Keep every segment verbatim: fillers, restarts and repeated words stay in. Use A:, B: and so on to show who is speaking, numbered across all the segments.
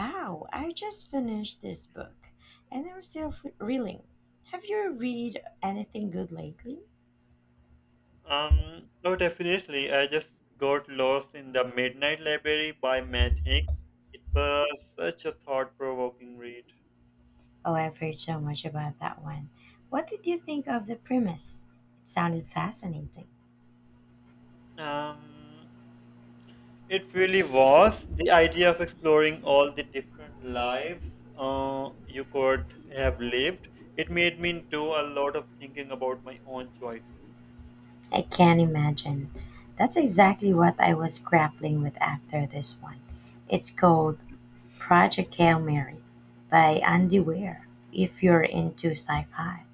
A: Wow, I just finished this book and I'm still f- reeling. Have you read anything good lately?
B: Um, oh, Definitely, I just got lost in The Midnight Library by Matt Haig. It was such a thought-provoking read.
A: Oh, I've heard so much about that one. What did you think of the premise? It sounded fascinating.
B: Um, it really was the idea of exploring all the different lives uh, you could have lived. It made me do a lot of thinking about my own choices.
A: I can't imagine. That's exactly what I was grappling with after this one. It's called Project Hail Mary by Andy Weir, if you're into sci fi.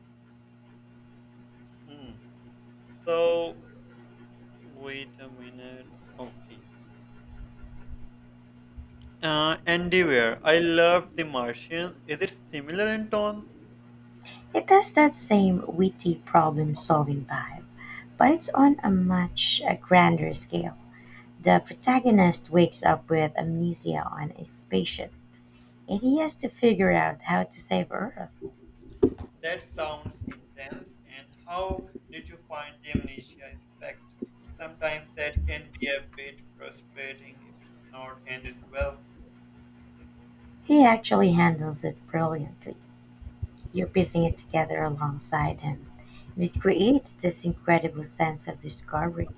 B: Hmm. So, wait a minute. Okay. Uh, Andy Weir. I love The Martian. Is it similar in tone?
A: It has that same witty problem solving vibe but it's on a much a grander scale. The protagonist wakes up with amnesia on a spaceship, and he has to figure out how to save Earth.
B: That sounds intense. And how did you find the amnesia aspect? Sometimes that can be a bit frustrating if it's not handled well.
A: He actually handles it brilliantly. You're piecing it together alongside him, and it creates this incredible sense of discovery.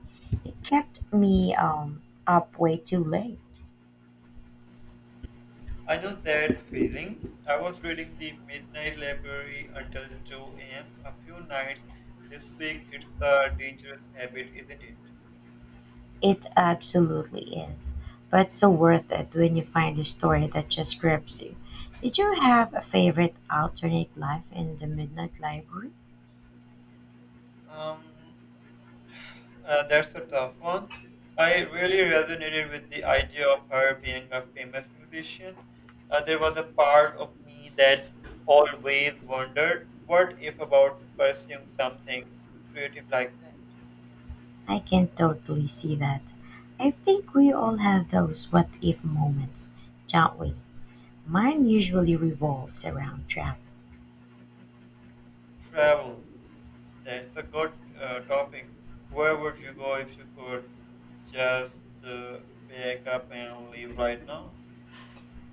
A: It kept me um, up way too late.
B: I know that feeling. I was reading The Midnight Library until two a m a few nights this week. It's a dangerous habit, isn't it?
A: It absolutely is, but so worth it when you find a story that just grips you. Did you have a favorite alternate life in the Midnight Library?
B: Um, Uh, that's a tough one. I really resonated with the idea of her being a famous musician. Uh, there was a part of me that always wondered, what if, about pursuing something creative like that?
A: I can totally see that. I think we all have those what if moments, don't we? Mine usually revolves around travel.
B: Travel. That's a good uh, topic. Where would you go if you could just uh, pack up and leave right now?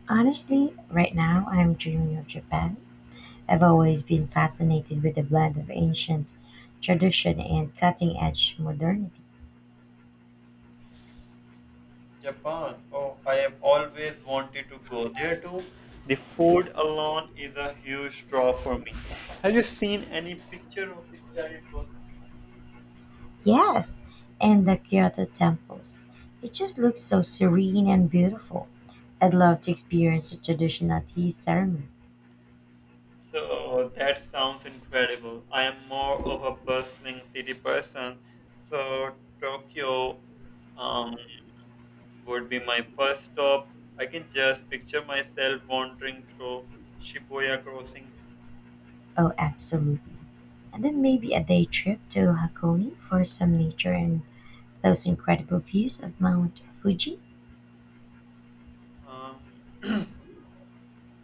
A: Honestly, right now I'm dreaming of Japan. I've always been fascinated with the blend of ancient tradition and cutting edge modernity.
B: Japan. Oh, I have always wanted to go there too. The food alone is a huge draw for me. Have you seen any picture of the cherry blossom?
A: Yes, and the Kyoto temples. It just looks so serene and beautiful. I'd love to experience a traditional tea ceremony.
B: So that sounds incredible. I am more of a bustling city person, so Tokyo um, would be my first stop. I can just picture myself wandering through Shibuya crossing.
A: Oh, absolutely. And then maybe a day trip to Hakone for some nature and those incredible views of Mount Fuji.
B: Um,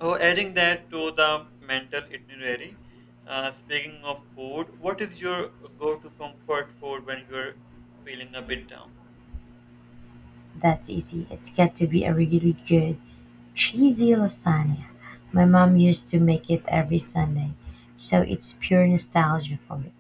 B: Oh, adding that to the mental itinerary. Uh, speaking of food, what is your go-to comfort food when you're feeling a bit down?
A: That's easy. It's got to be a really good cheesy lasagna. My mom used to make it every Sunday, so it's pure nostalgia for me.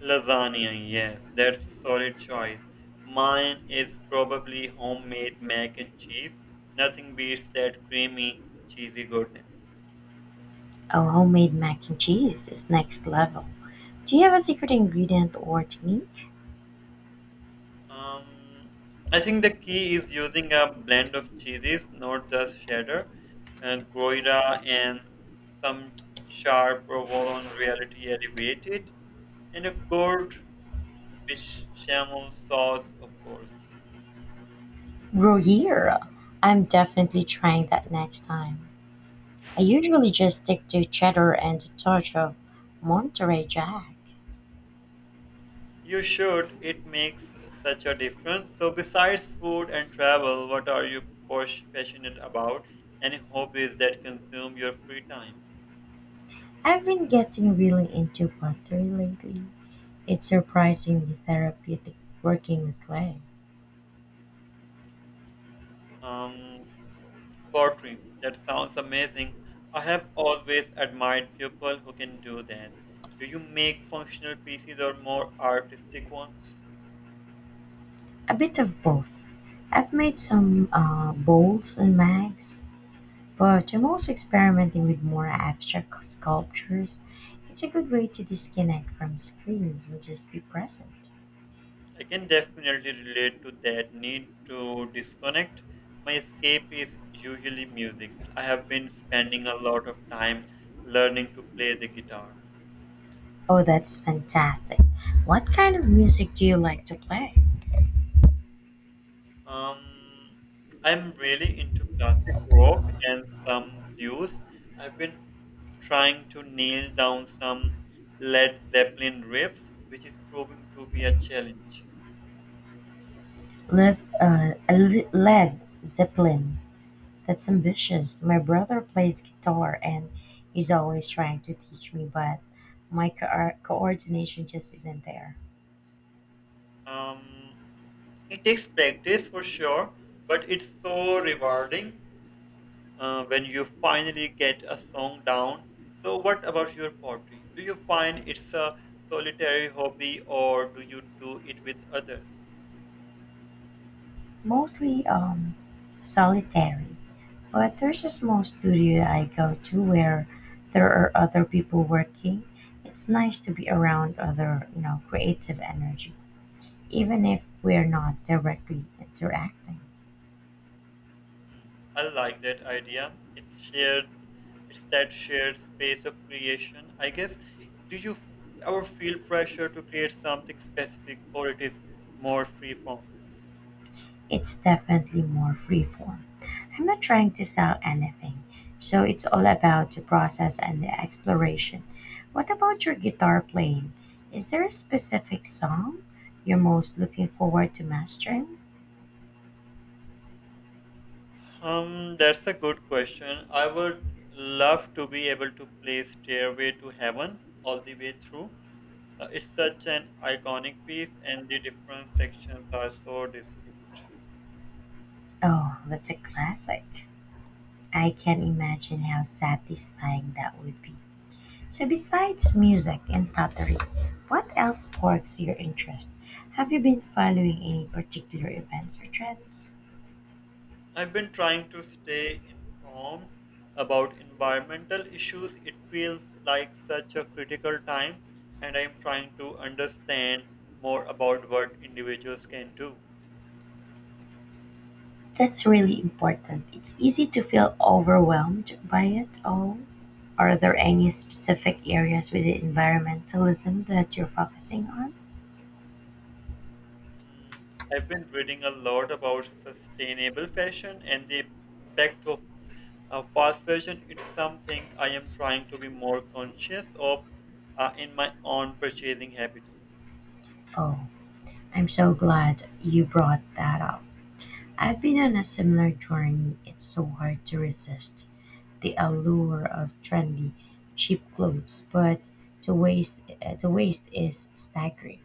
B: Lasagna, yes, that's a solid choice. Mine is probably homemade mac and cheese. Nothing beats that creamy, cheesy goodness.
A: Oh, homemade mac and cheese is next level. Do you have a secret ingredient or technique?
B: Um, I think the key is using a blend of cheeses, not just cheddar, and Gruyere and some sharp provolone reality elevated, and a good bechamel sauce, of course.
A: Bro, I'm definitely trying that next time. I usually just stick to cheddar and a touch of Monterey Jack.
B: You should. It makes such a difference. So, besides food and travel, what are you pos- passionate about? Any hobbies that consume your free time?
A: I've been getting really into pottery lately. It's surprisingly therapeutic working with clay.
B: Um, Pottery. That sounds amazing. I have always admired people who can do that. Do you make functional pieces or more artistic ones?
A: A bit of both. I've made some uh, bowls and mags, but I'm also experimenting with more abstract sculptures. It's a good way to disconnect from screens and just be present.
B: I can definitely relate to that need to disconnect. My escape is usually music. I have been spending a lot of time learning to play the guitar.
A: Oh, that's fantastic. What kind of music do you like to play?
B: Um, I'm really into classic rock and some blues. I've been trying to nail down some Led Zeppelin riffs, which is proving to be a challenge.
A: Led, uh, Le- Led Zeppelin. That's ambitious. My brother plays guitar and he's always trying to teach me, but my co- uh, coordination just isn't there.
B: Um, it takes practice for sure, but it's so rewarding uh, when you finally get a song down. So, what about your pottery? Do you find it's a solitary hobby or do you do it with others?
A: Mostly um, solitary. But there's a small studio I go to where there are other people working. It's nice to be around other, you know, creative energy, even if we're not directly interacting.
B: Mm, I like that idea. It's shared. It's that shared space of creation, I guess. Do you f- ever feel pressure to create something specific, or it is more free form?
A: It's definitely more freeform. I'm not trying to sell anything, so it's all about the process and the exploration. What about your guitar playing? Is there a specific song you're most looking forward to mastering?
B: Um, that's a good question. I would love to be able to play Stairway to Heaven all the way through. Uh, it's such an iconic piece, and the different sections are so distinct.
A: Oh, that's a classic. I can imagine how satisfying that would be. So besides music and pottery, what else sparks your interest? Have you been following any particular events or trends?
B: I've been trying to stay informed about environmental issues. It feels like such a critical time, and I'm trying to understand more about what individuals can do.
A: That's really important. It's easy to feel overwhelmed by it all. Are there any specific areas within environmentalism that you're focusing on?
B: Mm, I've been reading a lot about sustainable fashion and the impact of uh, fast fashion. It's something I am trying to be more conscious of uh, in my own purchasing habits.
A: Oh, I'm so glad you brought that up. I've been on a similar journey. It's so hard to resist the allure of trendy, cheap clothes, but the waste uh, the waste is staggering.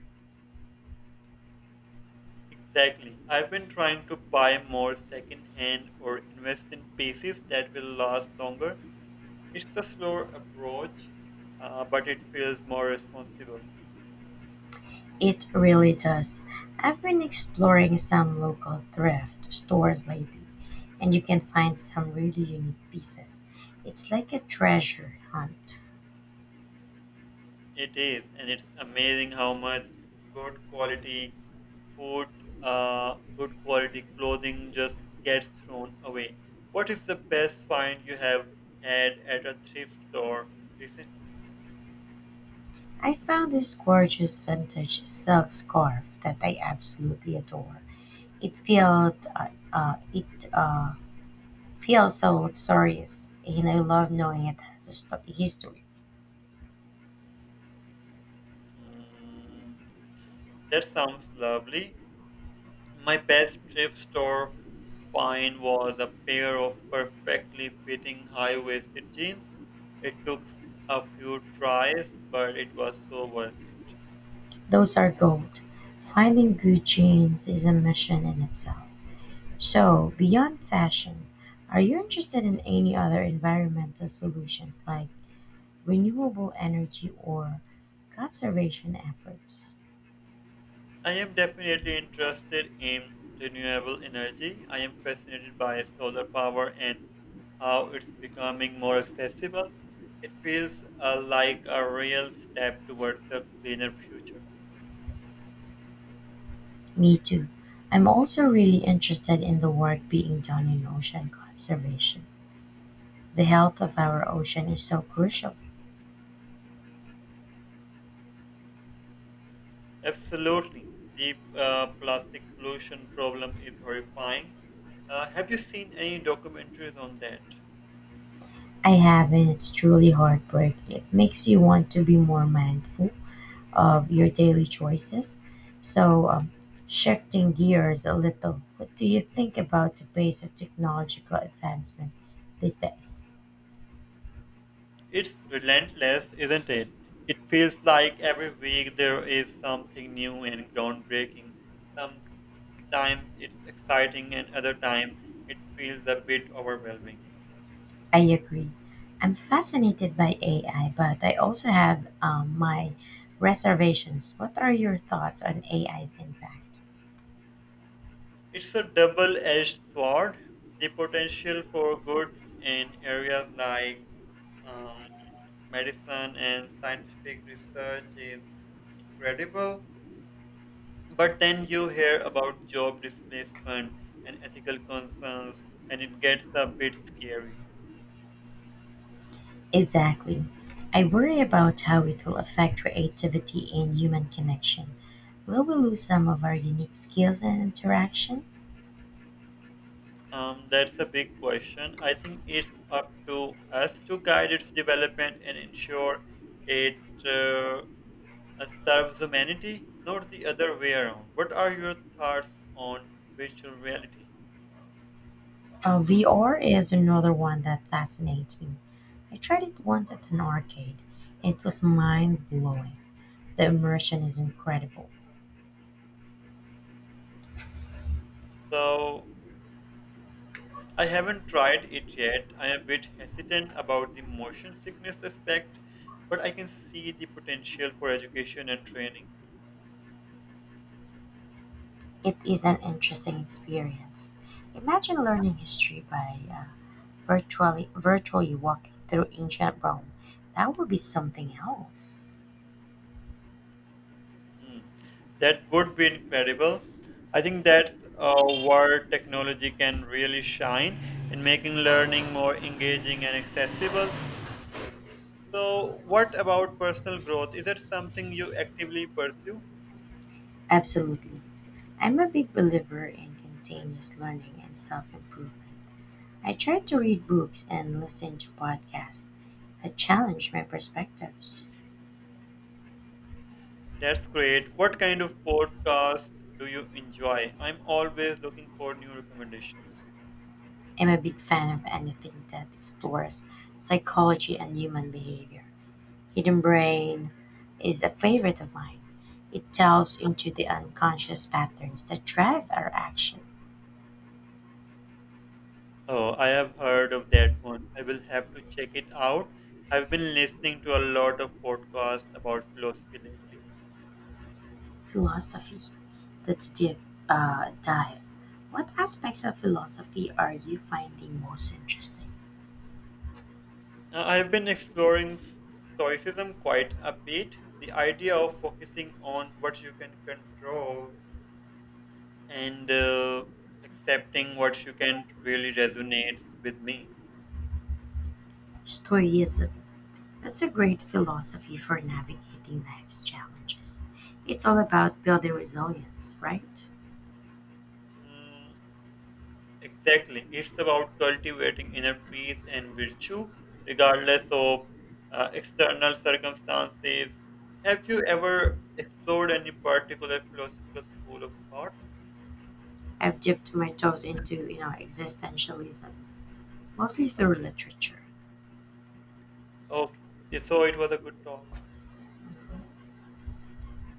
B: Exactly. I've been trying to buy more secondhand or invest in pieces that will last longer. It's a slower approach, uh, but it feels more responsible.
A: It really does. I've been exploring some local thrift stores lately, and you can find some really unique pieces. It's like a treasure hunt.
B: It is, and it's amazing how much good quality food, uh, good quality clothing just gets thrown away. What is the best find you have had at a thrift store recently?
A: I found this gorgeous vintage silk scarf that I absolutely adore. It felt uh, uh, it uh, feels so luxurious, and I love knowing it has a sto- history.
B: Mm, that sounds lovely. My best thrift store find was a pair of perfectly fitting high-waisted jeans. It took a few tries, but it was so worth it.
A: Those are gold. Finding good jeans is a mission in itself. So, beyond fashion, are you interested in any other environmental solutions like renewable energy or conservation efforts?
B: I am definitely interested in renewable energy. I am fascinated by solar power and how it's becoming more accessible. It feels uh, like a real step towards a cleaner future.
A: Me too. I'm also really interested in the work being done in ocean conservation. The health of our ocean is so crucial.
B: Absolutely. The uh, plastic pollution problem is horrifying. Uh, have you seen any documentaries on that?
A: I have, and it's truly heartbreaking. It makes you want to be more mindful of your daily choices. So, um, shifting gears a little, what do you think about the pace of technological advancement these days?
B: It's relentless, isn't it? It feels like every week there is something new and groundbreaking. Sometimes it's exciting, and other times it feels a bit overwhelming.
A: I agree. I'm fascinated by A I, but I also have um, my reservations. What are your thoughts on A I's impact?
B: It's a double edged sword. The potential for good in areas like uh, medicine and scientific research is incredible. But then you hear about job displacement and ethical concerns, and it gets a bit scary.
A: Exactly. I worry about how it will affect creativity and human connection. Will we lose some of our unique skills and interaction?
B: Um, that's a big question. I think it's up to us to guide its development and ensure it uh, uh, serves humanity, not the other way around. What are your thoughts on virtual reality?
A: Uh, V R is another one that fascinates me. I tried it once at an arcade. It was mind blowing. The immersion is incredible.
B: So, I haven't tried it yet. I am a bit hesitant about the motion sickness aspect, but I can see the potential for education and training.
A: It is an interesting experience. Imagine learning history by uh, virtually virtually walking through ancient Rome. That would be something else.
B: Hmm. That would be incredible. I think that's uh, where technology can really shine in making learning more engaging and accessible. So, what about personal growth? Is that something you actively pursue?
A: Absolutely. I'm a big believer in continuous learning and self improvement. I try to read books and listen to podcasts that challenge my perspectives.
B: That's great. What kind of podcast do you enjoy? I'm always looking for new recommendations.
A: I'm a big fan of anything that explores psychology and human behavior. Hidden Brain is a favorite of mine. It delves into the unconscious patterns that drive our action.
B: Oh, I have heard of that one. I will have to check it out. I've been listening to a lot of podcasts about philosophy lately.
A: Philosophy, let's deep uh, dive. What aspects of philosophy are you finding most interesting?
B: Uh, I've been exploring stoicism quite a bit. The idea of focusing on what you can control and uh, accepting what you can't really resonates with me.
A: Stoicism, that's a great philosophy for navigating life's challenges. It's all about building resilience, right?
B: Mm, exactly. It's about cultivating inner peace and virtue, regardless of uh, external circumstances. Have you ever explored any particular philosophical school of thought?
A: I've dipped my toes into, you know, existentialism, mostly through literature.
B: Okay. Yeah, so it was a good talk.